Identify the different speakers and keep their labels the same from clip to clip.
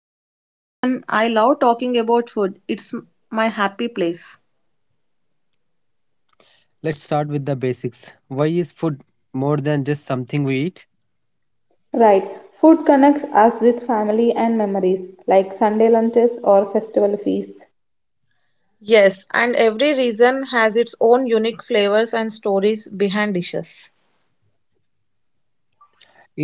Speaker 1: Hello everyone. I love talking about food. It's my happy place.
Speaker 2: Let's start with the basics. Why is food more than just something we eat?
Speaker 3: Right, food connects us with family and memories like Sunday lunches or festival feasts.
Speaker 1: Yes, and every region has its own unique flavors and stories behind dishes.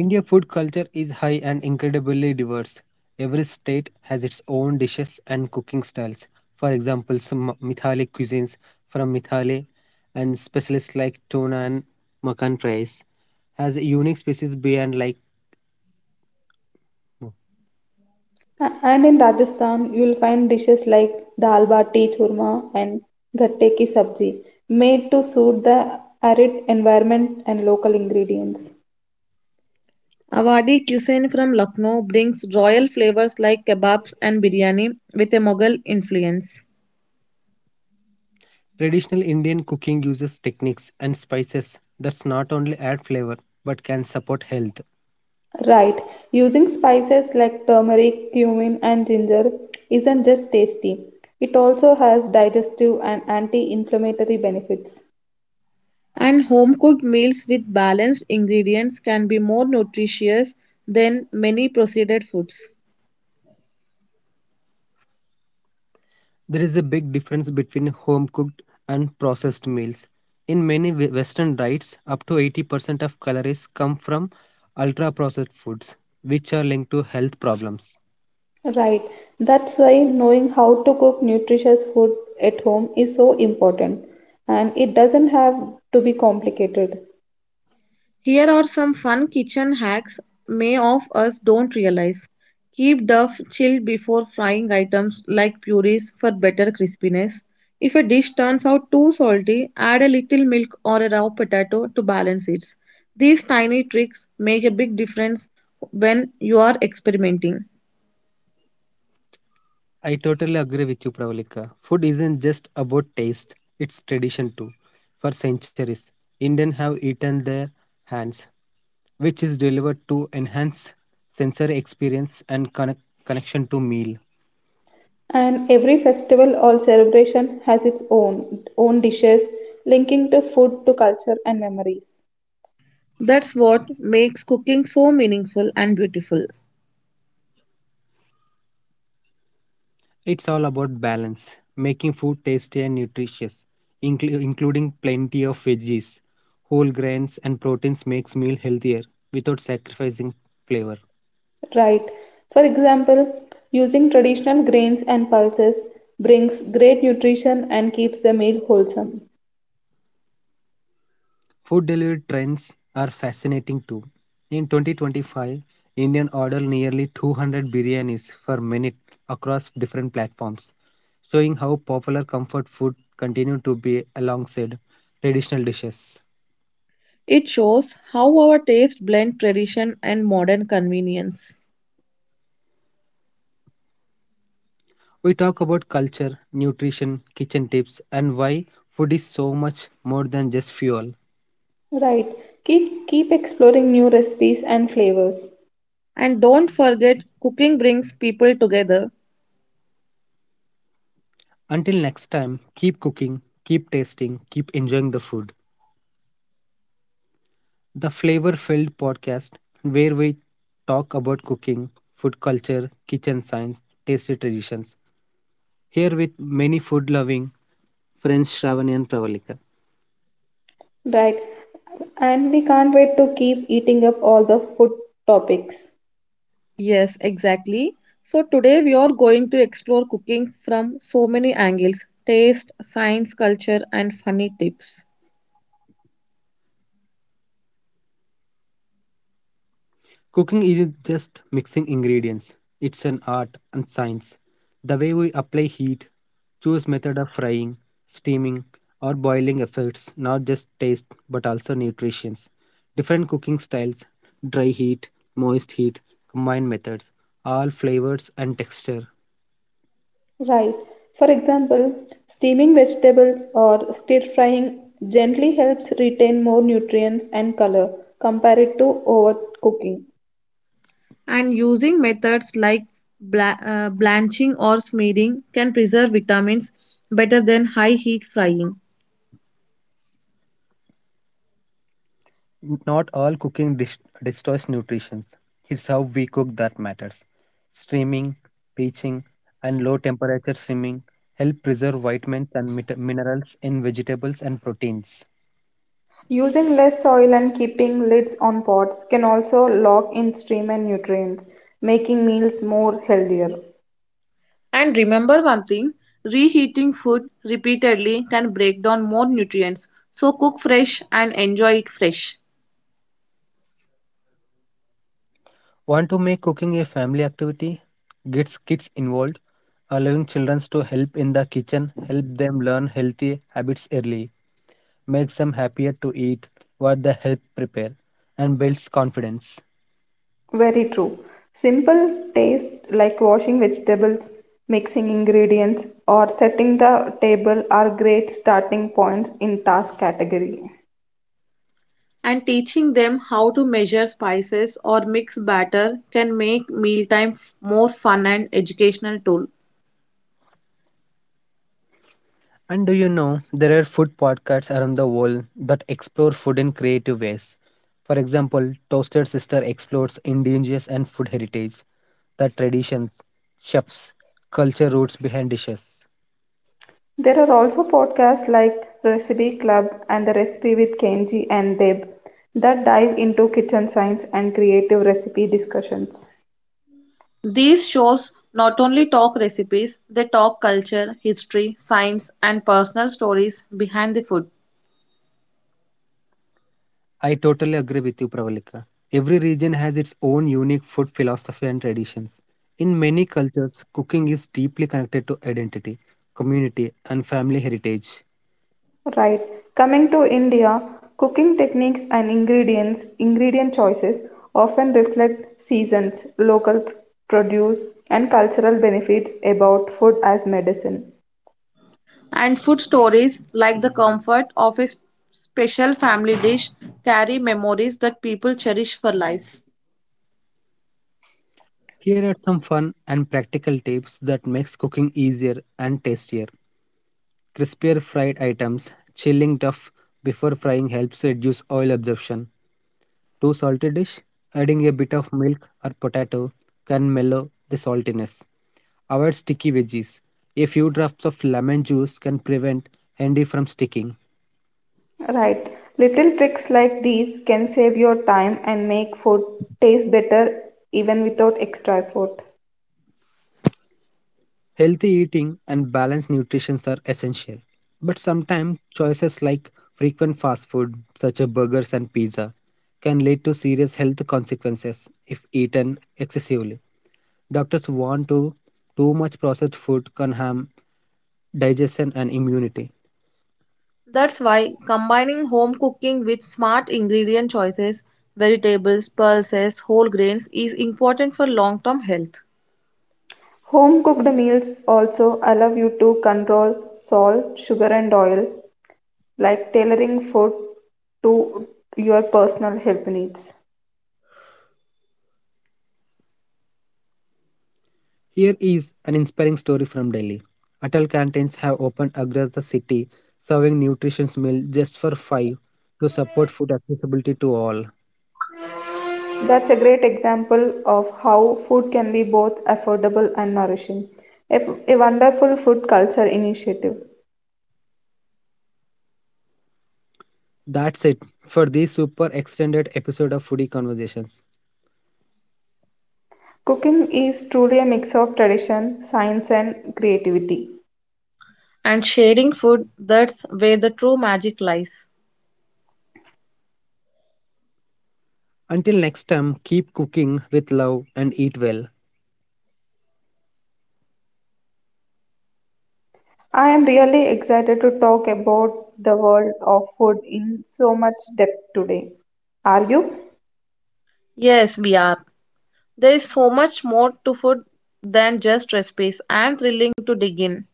Speaker 2: India food culture is high and incredibly diverse. Every state has its own dishes and cooking styles. For example, some Mithali cuisines from Mithali and specialists like tuna and makan fries has unique species beyond like
Speaker 3: And in Rajasthan, you'll find dishes like dal bati churma and gatte ki sabji made to suit the arid environment and local ingredients.
Speaker 1: Awadhi cuisine from Lucknow brings royal flavors like kebabs and biryani with a Mughal influence.
Speaker 2: traditional Indian cooking uses techniques and spices that not only add flavor but can support health.
Speaker 3: Right, using spices like turmeric, cumin, and ginger isn't just tasty, it also has digestive and anti inflammatory benefits.
Speaker 1: And home cooked meals with balanced ingredients can be more nutritious than many processed foods.
Speaker 2: There is a big difference between home cooked and processed meals. In many Western diets, up to 80% of calories come from ultra processed foods, which are linked to health problems.
Speaker 3: Right. That's why knowing how to cook nutritious food at home is so important. And it doesn't have to be complicated.
Speaker 1: Here are some fun kitchen hacks may of us don't realize. Keep duff chilled before frying items like purees for better crispiness. If a dish turns out too salty, add a little milk or a raw potato to balance it. These tiny tricks make a big difference when you are experimenting.
Speaker 2: I totally agree with you, Pravalika. Food isn't just about taste, it's tradition too. For centuries, Indians have eaten their hands, which is delivered to enhance sensory experience and connection to meal.
Speaker 3: And every festival or celebration has its own dishes linking to food to culture and memories.
Speaker 1: That's what makes cooking so meaningful and beautiful.
Speaker 2: It's all about balance, making food tasty and nutritious, including plenty of veggies, whole grains, and proteins makes meal healthier without sacrificing flavor.
Speaker 3: Right. For example, using traditional grains and pulses brings great nutrition and keeps the meal wholesome.
Speaker 2: Food delivery trends are fascinating too. In 2025, Indian ordered nearly 200 biryanis per minute across different platforms, showing how popular comfort food continue to be alongside traditional dishes.
Speaker 1: It shows how our taste blend tradition and modern convenience.
Speaker 2: We talk about culture, nutrition, kitchen tips, and why food is so much more than just fuel.
Speaker 3: Right. Keep exploring new recipes and flavors.
Speaker 1: And don't forget, cooking brings people together.
Speaker 2: Until next time, keep cooking, keep tasting, keep enjoying the food. The Flavor Filled podcast, where we talk about cooking, food culture, kitchen science, tasty traditions. Here with many food loving friends Shravani and Pravalika.
Speaker 3: Right, and we can't wait to keep eating up all the food topics.
Speaker 1: Yes, exactly. So, today we are going to explore cooking from so many angles taste, science, culture, and funny tips.
Speaker 2: Cooking is just mixing ingredients, it's an art and science. The way we apply heat, choose method of frying, steaming, or boiling affects not just taste but also nutrition. Different cooking styles, dry heat, moist heat, combined methods, all flavors and texture.
Speaker 3: Right. For example, steaming vegetables or stir frying gently helps retain more nutrients and color compared to overcooking.
Speaker 1: And using methods like blanching or smearing can preserve vitamins better than high heat frying.
Speaker 2: Not all cooking destroys nutrition. It's how we cook that matters. Steaming, poaching, and low temperature simming help preserve vitamins and minerals in vegetables and proteins.
Speaker 3: Using less soil and keeping lids on pots can also lock in stream and nutrients, making meals more healthier.
Speaker 1: And remember one thing reheating food repeatedly can break down more nutrients. So, cook fresh and enjoy it fresh.
Speaker 2: Want to make cooking a family activity? Get kids involved. Allowing children to help in the kitchen help them learn healthy habits early, makes them happier to eat what they help prepare, and builds confidence.
Speaker 3: Very true. Simple tasks like washing vegetables, mixing ingredients, or setting the table are great starting points in task category.
Speaker 1: And teaching them how to measure spices or mix batter can make mealtime more fun and educational tool.
Speaker 2: And do you know there are food podcasts around the world that explore food in creative ways? For example, Toasted Sister explores indigenous and food heritage, the traditions, chefs, culture roots behind dishes.
Speaker 3: There are also podcasts like Recipe Club and The Recipe with Kenji and Deb that dive into kitchen science and creative recipe discussions.
Speaker 1: These shows not only talk recipes, they talk culture, history, science, and personal stories behind the food.
Speaker 2: I totally agree with you, Pravalika. Every region has its own unique food philosophy and traditions. In many cultures, cooking is deeply connected to identity, community, and family heritage.
Speaker 3: Right. Coming to India, cooking techniques and ingredient choices often reflect seasons, local produce, and cultural benefits about food as medicine.
Speaker 1: And food stories like the comfort of a special family dish carry memories that people cherish for life.
Speaker 2: Here are some fun and practical tips that makes cooking easier and tastier. Crispier fried items, chilling tough before frying helps reduce oil absorption. To salty dish, adding a bit of milk or potato can mellow the saltiness. Avoid sticky veggies. A few drops of lemon juice can prevent handy from sticking.
Speaker 3: Right. Little tricks like these can save your time and make food taste better even without extra effort.
Speaker 2: Healthy eating and balanced nutrition are essential. But sometimes choices like frequent fast food such as burgers and pizza can lead to serious health consequences if eaten excessively. Doctors warn too, too much processed food can harm digestion and immunity.
Speaker 1: That's why combining home cooking with smart ingredient choices, vegetables, pulses, whole grains is important for long term health.
Speaker 3: Home cooked meals also allow you to control salt, sugar, and oil, like tailoring food to your personal health needs.
Speaker 2: Here is an inspiring story from Delhi. Atal canteens have opened across the city, serving nutritious meal just for five to support food accessibility to all.
Speaker 3: That's a great example of how food can be both affordable and nourishing. A wonderful food culture initiative.
Speaker 2: That's it for this super extended episode of Foodie Conversations.
Speaker 3: Cooking is truly a mix of tradition, science, and creativity.
Speaker 1: And sharing food, that's where the true magic lies.
Speaker 2: Until next time, keep cooking with love and eat well.
Speaker 3: I am really excited to talk about the world of food in so much depth today. Are you?
Speaker 1: Yes, we are. There is so much more to food than just recipes and thrilling to dig in.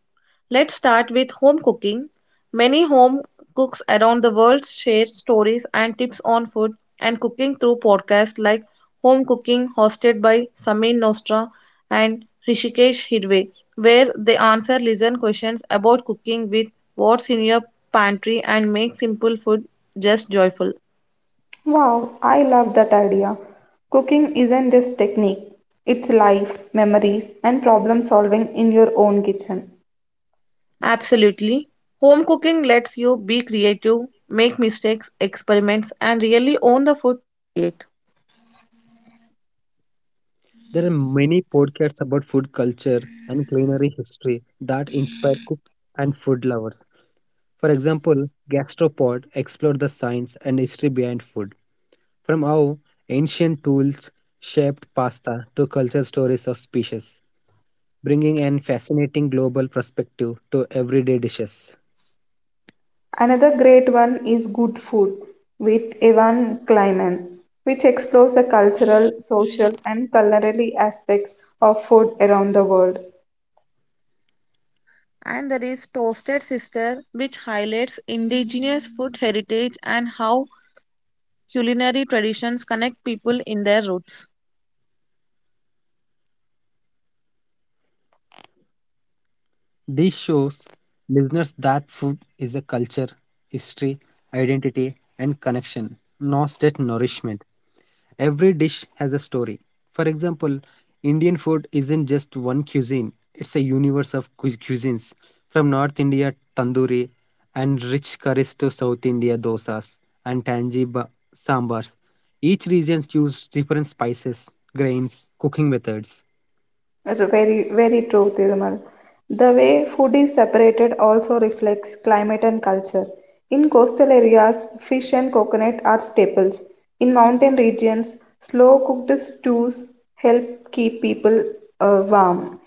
Speaker 1: Let's start with home cooking. Many home cooks around the world share stories and tips on food and cooking through podcasts like Home Cooking, hosted by Samin Nostra and Rishikesh Hirve, where they answer listener questions about cooking with what's in your pantry and make simple food just joyful.
Speaker 3: Wow, I love that idea. Cooking isn't just technique, it's life, memories, and problem solving in your own kitchen.
Speaker 1: Absolutely. Home cooking lets you be creative, make mistakes, experiments, and really
Speaker 2: There are many podcasts about food culture and culinary history that inspire cooks and food lovers. For example, Gastropod explored the science and history behind food, from how ancient tools shaped pasta to cultural stories of species, bringing an fascinating global perspective to everyday dishes.
Speaker 3: Another great one is Good Food with Evan Kleiman, which explores the cultural, social, and culinary aspects of food around the world.
Speaker 2: This shows listeners that food is a culture, history, identity, and connection, not just nourishment. Every dish has a story. For example, Indian food isn't just one cuisine, it's a universe of cuisines. From North India, tandoori, and rich curries to South India, dosas, and tangy sambars. Each region uses different spices, grains, cooking methods.
Speaker 3: Very, very true, Thirumal. The way food is separated also reflects climate and culture. In coastal areas, fish and coconut are staples. In mountain regions, slow cooked stews help keep people warm.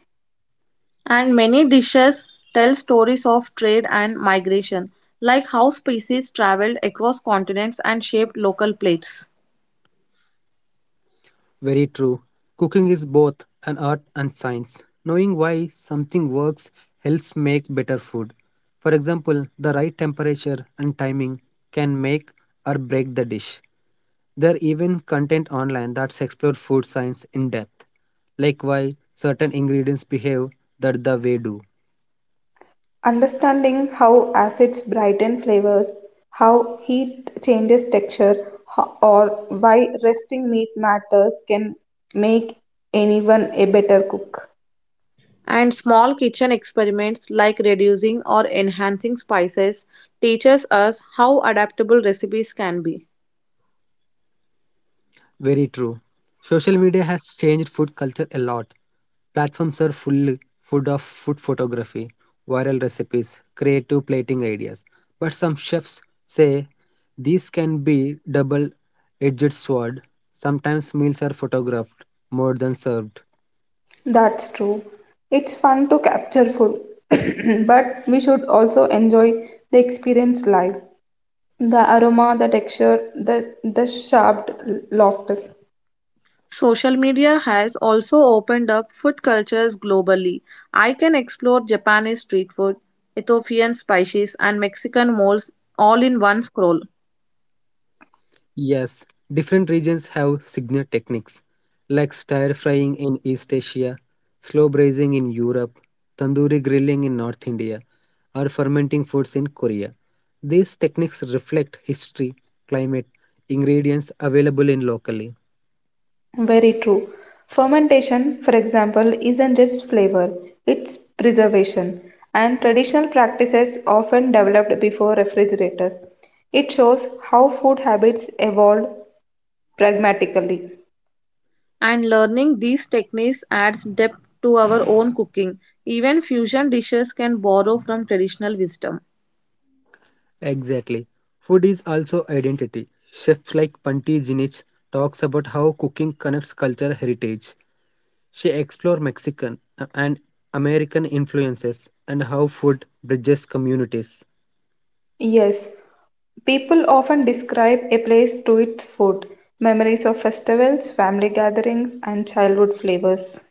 Speaker 1: and many dishes tell stories of trade and migration, like how species traveled across continents and shaped local plates.
Speaker 2: Very true. Cooking is both an art and science. Knowing why something works helps make better food. For example, the right temperature and timing can make or break the dish. There are even content online that's explore food science in depth, like why certain ingredients behave that the way do.
Speaker 3: Understanding how acids brighten flavors, how heat changes texture, or why resting meat matters can make anyone a better cook.
Speaker 1: And small kitchen experiments like reducing or enhancing spices teaches us how adaptable recipes can be.
Speaker 2: Very true. Social media has changed food culture a lot. Platforms are full of food photography, viral recipes, creative plating ideas. But some chefs say these can be double-edged sword. Sometimes meals are photographed more than served.
Speaker 3: That's true. It's fun to capture food, but we should also enjoy the experience live. The aroma, the texture, the sharp laughter.
Speaker 1: Social media has also opened up food cultures globally. I can explore Japanese street food, Ethiopian spices and Mexican molds all in one scroll.
Speaker 2: Yes, different regions have signature techniques like stir frying in East Asia, slow braising in Europe, tandoori grilling in North India, or fermenting foods in Korea. These techniques reflect history, climate, ingredients available in locally.
Speaker 3: Very true. Fermentation, for example, isn't just flavor, it's preservation, and traditional practices often developed before refrigerators. It shows how food habits evolved pragmatically.
Speaker 1: And learning these techniques adds depth to our own cooking. Even fusion dishes can borrow from traditional wisdom.
Speaker 2: Exactly. Food is also identity. Chefs like Panti Jinich talks about how cooking connects culture heritage. She explored Mexican and American influences and how food bridges communities.
Speaker 3: Yes, people often describe a place through its food, memories of festivals, family gatherings, and childhood flavors.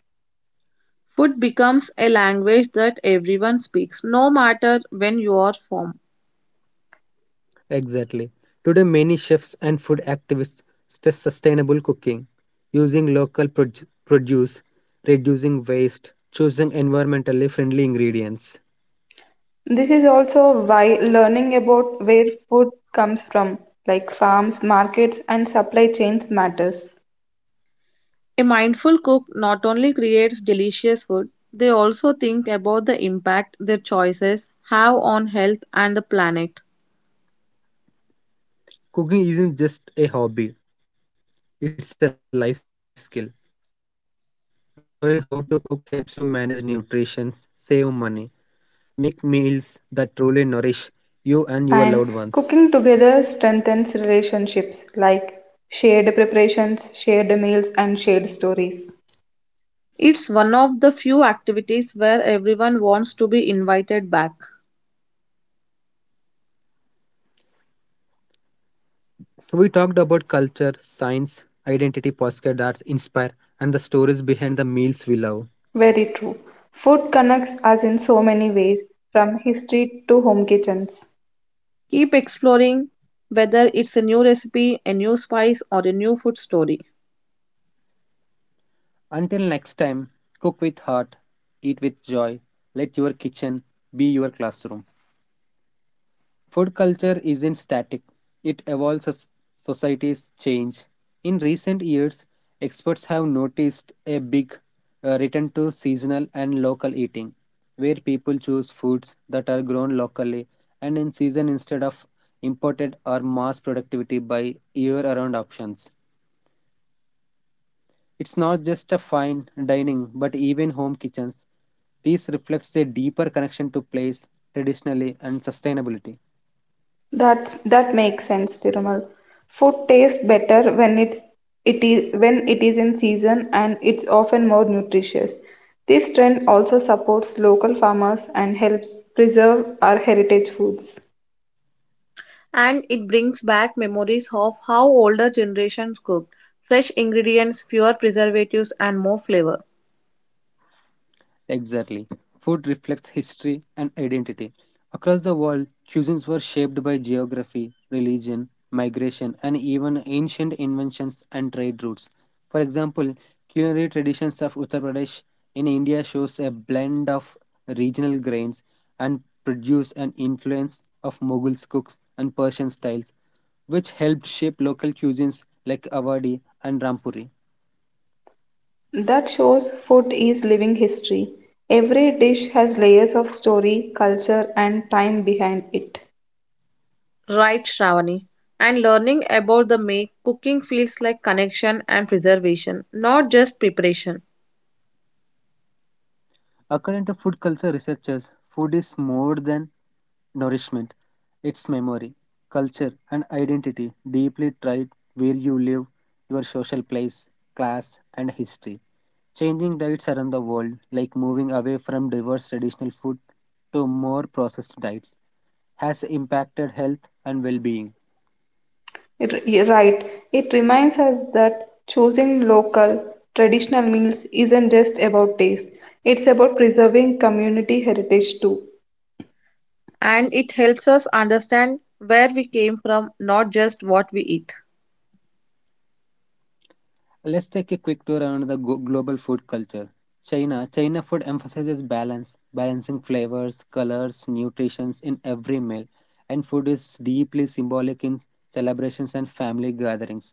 Speaker 1: Food becomes a language that everyone speaks, no matter when you are from.
Speaker 2: Exactly. Today, many chefs and food activists stress sustainable cooking, using local produce, reducing waste, choosing environmentally friendly ingredients.
Speaker 3: This is also why learning about where food comes from, like farms, markets, and supply chains, matters.
Speaker 1: A mindful cook not only creates delicious food, they also think about the impact their choices have on health and the planet.
Speaker 2: Cooking isn't just a hobby, it's a life skill. Knowing how to cook helps you manage nutrition, save money, make meals that truly nourish you and your loved ones.
Speaker 3: And cooking together strengthens relationships like shared preparations, shared meals, and shared stories.
Speaker 1: It's one of the few activities where everyone wants to be invited back.
Speaker 2: We talked about culture, science, identity, postcard arts, inspire, and the stories behind the meals we love.
Speaker 3: Very true. Food connects us in so many ways, from history to home kitchens.
Speaker 1: Keep exploring whether it's a new recipe, a new spice, or a new food story.
Speaker 2: Until next time, cook with heart, eat with joy, let your kitchen be your classroom. Food culture isn't static, it evolves as societies change. In recent years, experts have noticed a big return to seasonal and local eating, where people choose foods that are grown locally and in season instead of imported or mass productivity by year around options. It's not just a fine dining, but even home kitchens. This reflects a deeper connection to place, traditionally, and sustainability.
Speaker 3: That makes sense, Tirumal. Food tastes better it is when it is in season and it's often more nutritious. This trend also supports local farmers and helps preserve our heritage foods.
Speaker 1: And it brings back memories of how older generations cooked. Fresh ingredients, fewer preservatives, and more flavor.
Speaker 2: Exactly. Food reflects history and identity. Across the world, cuisines were shaped by geography, religion, migration, and even ancient inventions and trade routes. For example, culinary traditions of Uttar Pradesh in India shows a blend of regional grains and produce and influence of Mughal cooks and Persian styles, which helped shape local cuisines like Awadhi and Rampuri.
Speaker 3: That shows food is living history. Every dish has layers of story, culture, and time behind it.
Speaker 1: Right, Shravani. And learning about the make, cooking feels like connection and preservation, not just preparation.
Speaker 2: According to food culture researchers, food is more than nourishment, its memory, culture, and identity deeply tied where you live, your social place, class, and history. Changing diets around the world, like moving away from diverse traditional food to more processed diets, has impacted health and well being.
Speaker 3: You're right. It reminds us that choosing local, traditional meals isn't just about taste, it's about preserving community heritage too.
Speaker 1: And it helps us understand where we came from, not just what we eat.
Speaker 2: Let's take a quick tour around the global food culture. China. China food emphasizes balance, balancing flavors, colors, nutrition in every meal, and food is deeply symbolic in celebrations and family gatherings.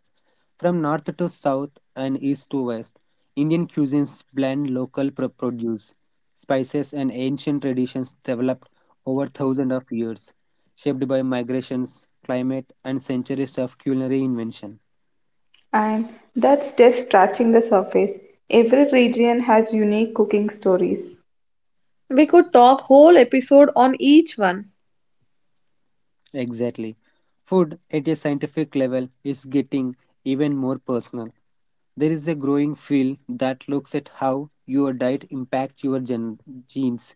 Speaker 2: From north to south and east to west, Indian cuisines blend local produce, spices, and ancient traditions developed over thousands of years, shaped by migrations, climate, and centuries of culinary invention.
Speaker 3: And that's just scratching the surface. Every region has unique cooking stories.
Speaker 1: We could talk whole episode on each one.
Speaker 2: Exactly. Food at a scientific level is getting even more personal. There is a growing field that looks at how your diet impacts your genes,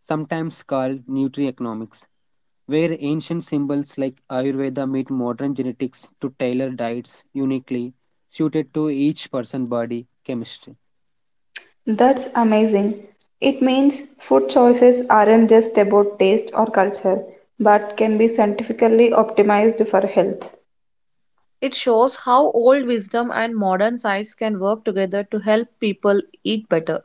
Speaker 2: sometimes called nutrienomics, where ancient symbols like Ayurveda meet modern genetics to tailor diets uniquely suited to each person's body chemistry.
Speaker 3: That's amazing. It means food choices aren't just about taste or culture, but can be scientifically optimized for health.
Speaker 1: It shows how old wisdom and modern science can work together to help people eat better.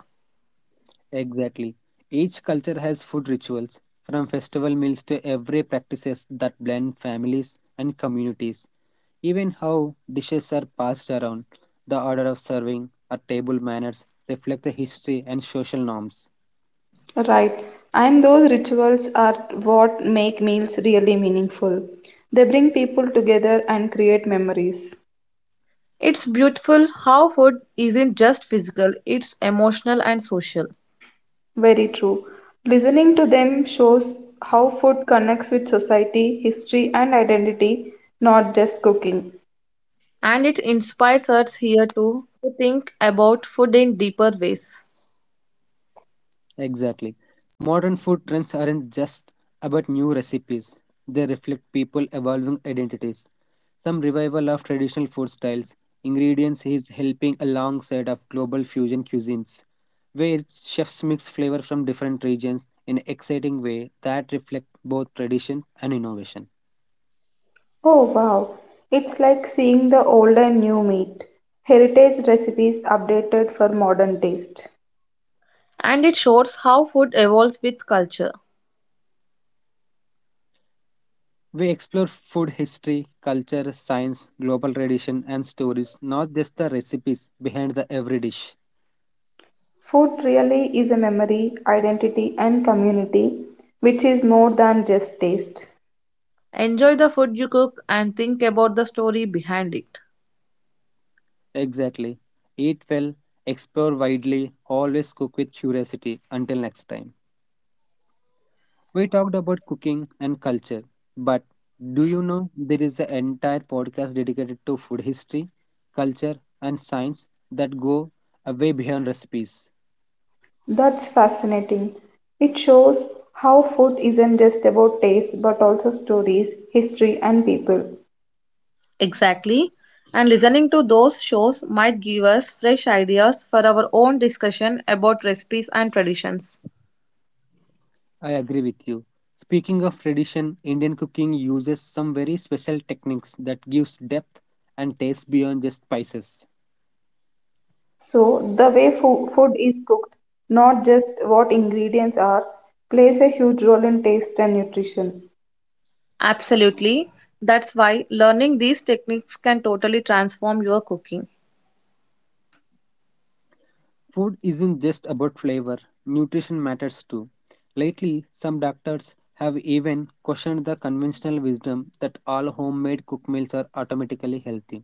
Speaker 2: Exactly. Each culture has food rituals, from festival meals to everyday practices that blend families and communities. Even how dishes are passed around, the order of serving, or table manners reflect the history and social norms.
Speaker 3: Right. And those rituals are what make meals really meaningful. They bring people together and create memories.
Speaker 1: It's beautiful how food isn't just physical, it's emotional and social.
Speaker 3: Very true. Listening to them shows how food connects with society, history, and identity, not just cooking.
Speaker 1: And it inspires us here too to think about food in deeper ways.
Speaker 2: Exactly. Modern food trends aren't just about new recipes, they reflect people evolving identities. Some revival of traditional food styles, ingredients is helping alongside of global fusion cuisines, where chefs mix flavor from different regions in an exciting way that reflect both tradition and innovation.
Speaker 3: Oh wow, it's like seeing the old and new meet. Heritage recipes updated for modern taste.
Speaker 1: And it shows how food evolves with culture.
Speaker 2: We explore food history, culture, science, global tradition and stories, not just the recipes behind the every dish.
Speaker 3: Food really is a memory, identity, and community, which is more than just taste.
Speaker 1: Enjoy the food you cook and think about the story behind it.
Speaker 2: Exactly. Eat well, explore widely, always cook with curiosity. Until next time. We talked about cooking and culture, but do you know there is an entire podcast dedicated to food history, culture, and science that go away beyond recipes?
Speaker 3: That's fascinating. It shows how food isn't just about taste but also stories, history, and people.
Speaker 1: Exactly. And listening to those shows might give us fresh ideas for our own discussion about recipes and traditions.
Speaker 2: I agree with you. Speaking of tradition, Indian cooking uses some very special techniques that gives depth and taste beyond just spices.
Speaker 3: So, the way food is cooked, not just what ingredients are, plays a huge role in taste and nutrition.
Speaker 1: Absolutely. That's why learning these techniques can totally transform your cooking.
Speaker 2: Food isn't just about flavor, nutrition matters too. Lately, some doctors have even questioned the conventional wisdom that all homemade cooked meals are automatically healthy.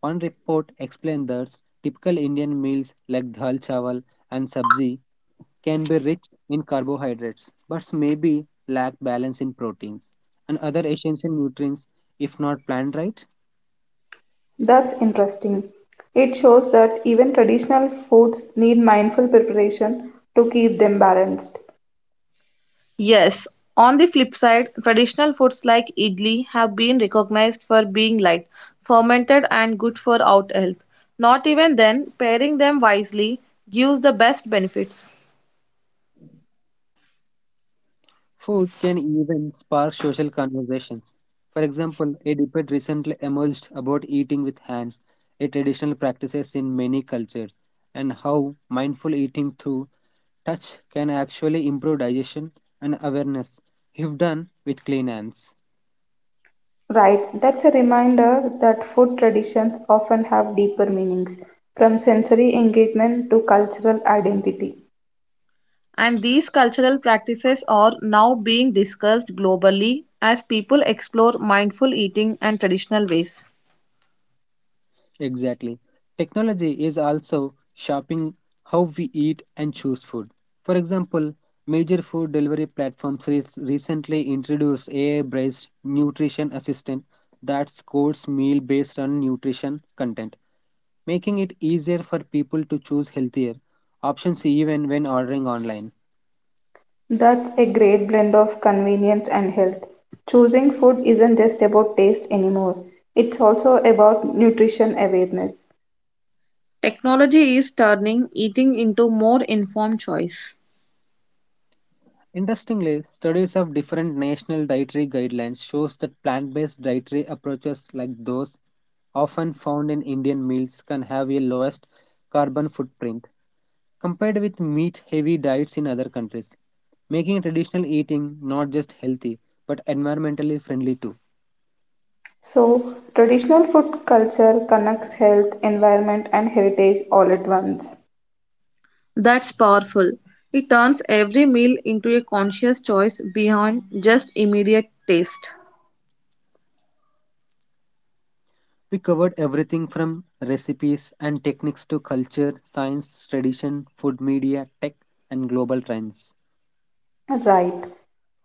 Speaker 2: One report explained that typical Indian meals like dal chawal and sabzi can be rich in carbohydrates but maybe lack balance in proteins and other essential nutrients if not planned right.
Speaker 3: That's interesting. It shows that even traditional foods need mindful preparation to keep them balanced.
Speaker 1: Yes, on the flip side, traditional foods like idli have been recognized for being light, fermented, and good for out health. Not even then, pairing them wisely gives the best benefits.
Speaker 2: Food can even spark social conversations. For example, a debate recently emerged about eating with hands, a traditional practice in many cultures, and how mindful eating through touch can actually improve digestion and awareness if done with clean hands.
Speaker 3: Right, that's a reminder that food traditions often have deeper meanings, from sensory engagement to cultural identity.
Speaker 1: And these cultural practices are now being discussed globally as people explore mindful eating and traditional ways.
Speaker 2: Exactly. Technology is also shaping how we eat and choose food. For example, major food delivery platforms recently introduced AI-based nutrition assistant that scores meal based on nutrition content, making it easier for people to choose healthier options even when ordering online.
Speaker 3: That's a great blend of convenience and health. Choosing food isn't just about taste anymore, it's also about nutrition awareness.
Speaker 1: Technology is turning eating into more informed choice.
Speaker 2: Interestingly, studies of different national dietary guidelines shows that plant-based dietary approaches like those often found in Indian meals can have a lowest carbon footprint compared with meat-heavy diets in other countries, making traditional eating not just healthy but environmentally friendly too.
Speaker 3: So, traditional food culture connects health, environment, and heritage all at once.
Speaker 1: That's powerful. It turns every meal into a conscious choice beyond just immediate taste.
Speaker 2: We covered everything from recipes and techniques to culture, science, tradition, food media, tech, and global trends.
Speaker 3: Right.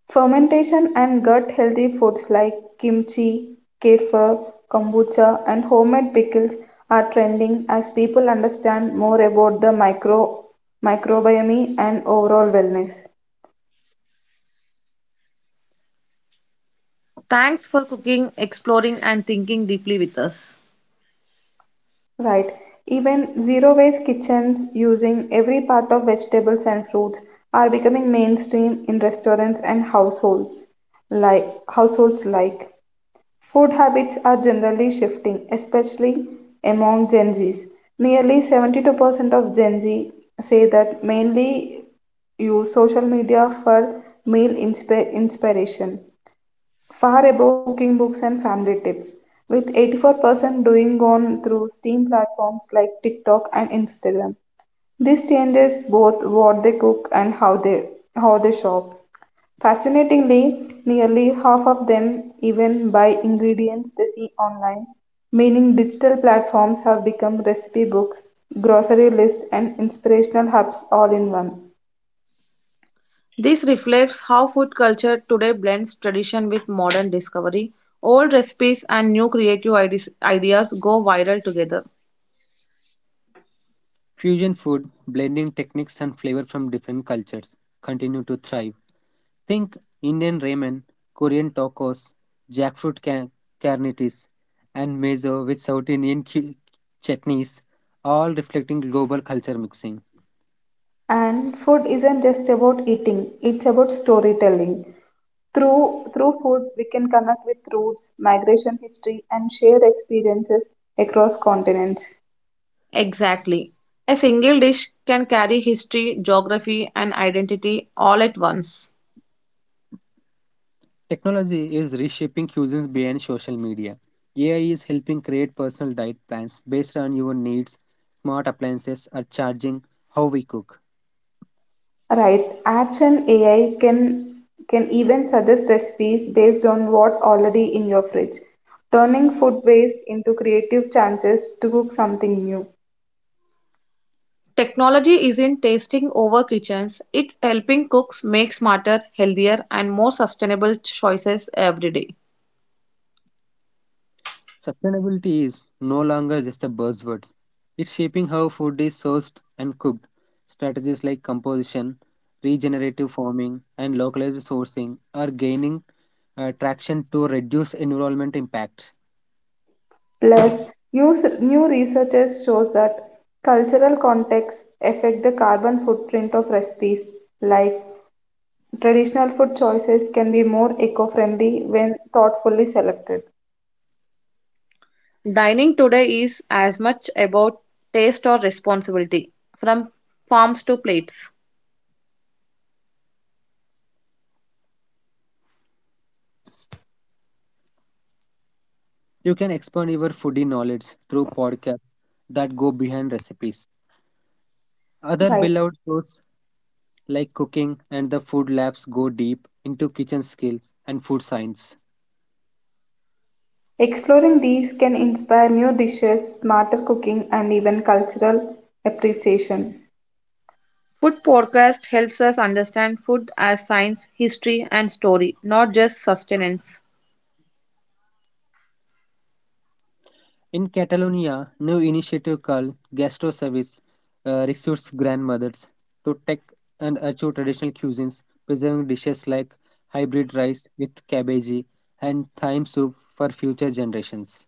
Speaker 3: Fermentation and gut healthy foods like kimchi, kefir, kombucha, and homemade pickles are trending as people understand more about the microbiome and overall wellness.
Speaker 1: Thanks for cooking, exploring, and thinking deeply with us.
Speaker 3: Right. Even zero waste kitchens using every part of vegetables and fruits are becoming mainstream in restaurants and households like food habits are generally shifting, especially among Gen Zs. Nearly 72% of Gen Z say that mainly use social media for meal inspiration far above cooking books and family tips, with 84% doing on through STEAM platforms like TikTok and Instagram. This changes both what they cook and how they shop. Fascinatingly, nearly half of them even buy ingredients they see online, meaning digital platforms have become recipe books, grocery list, and inspirational hubs all in one.
Speaker 1: This reflects how food culture today blends tradition with modern discovery. Old recipes and new creative ideas go viral together.
Speaker 2: Fusion food, blending techniques and flavor from different cultures, continue to thrive. Think Indian ramen, Korean tacos, jackfruit carnitas, and miso with South Indian chutneys, all reflecting global culture mixing.
Speaker 3: And food isn't just about eating, it's about storytelling. Through food, we can connect with roots, migration history, and shared experiences across continents.
Speaker 1: Exactly. A single dish can carry history, geography, and identity all at once.
Speaker 2: Technology is reshaping cuisines beyond social media. AI is helping create personal diet plans based on your needs. Smart appliances are charging how we cook.
Speaker 3: Right. Apps and AI can even suggest recipes based on what already in your fridge, turning food waste into creative chances to cook something new.
Speaker 1: Technology isn't tasting over kitchens, it's helping cooks make smarter, healthier, and more sustainable choices every day.
Speaker 2: Sustainability is no longer just a buzzword. It's shaping how food is sourced and cooked. Strategies like composition, regenerative farming, and localized sourcing are gaining traction to reduce environment impact.
Speaker 3: Plus, new researchers shows that cultural contexts affect the carbon footprint of recipes, like traditional food choices can be more eco-friendly when thoughtfully selected.
Speaker 1: Dining today is as much about taste or responsibility, from farms to plates.
Speaker 2: You can expand your foodie knowledge through podcasts that go behind recipes. Other
Speaker 3: Right.
Speaker 2: beloved shows like cooking and the food labs go deep into kitchen skills and food science.
Speaker 3: Exploring these can inspire new dishes, smarter cooking, and even cultural appreciation.
Speaker 1: Food podcast helps us understand food as science, history, and story, not just sustenance.
Speaker 2: In Catalonia, new initiative called Gastro Service recruits grandmothers to take and achieve traditional cuisines, preserving dishes like hybrid rice with cabbage and thyme soup for future generations.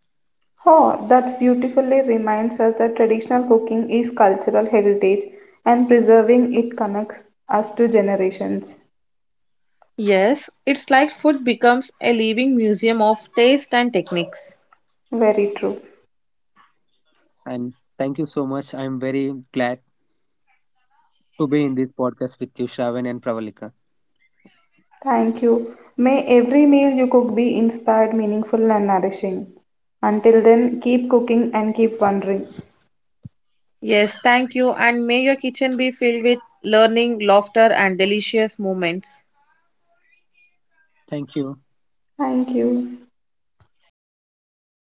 Speaker 3: Oh, that beautifully reminds us that traditional cooking is cultural heritage and preserving it connects us to generations.
Speaker 1: Yes, it's like food becomes a living museum of taste and techniques.
Speaker 3: Very true.
Speaker 2: And thank you so much. I'm very glad to be in this podcast with you, Shravan and Pravalika.
Speaker 3: Thank you. May every meal you cook be inspired, meaningful, and nourishing. Until then, keep cooking and keep wondering.
Speaker 1: Yes, thank you. And may your kitchen be filled with learning, laughter, and delicious moments.
Speaker 2: Thank you.
Speaker 3: Thank you.
Speaker 1: Thanks a lot.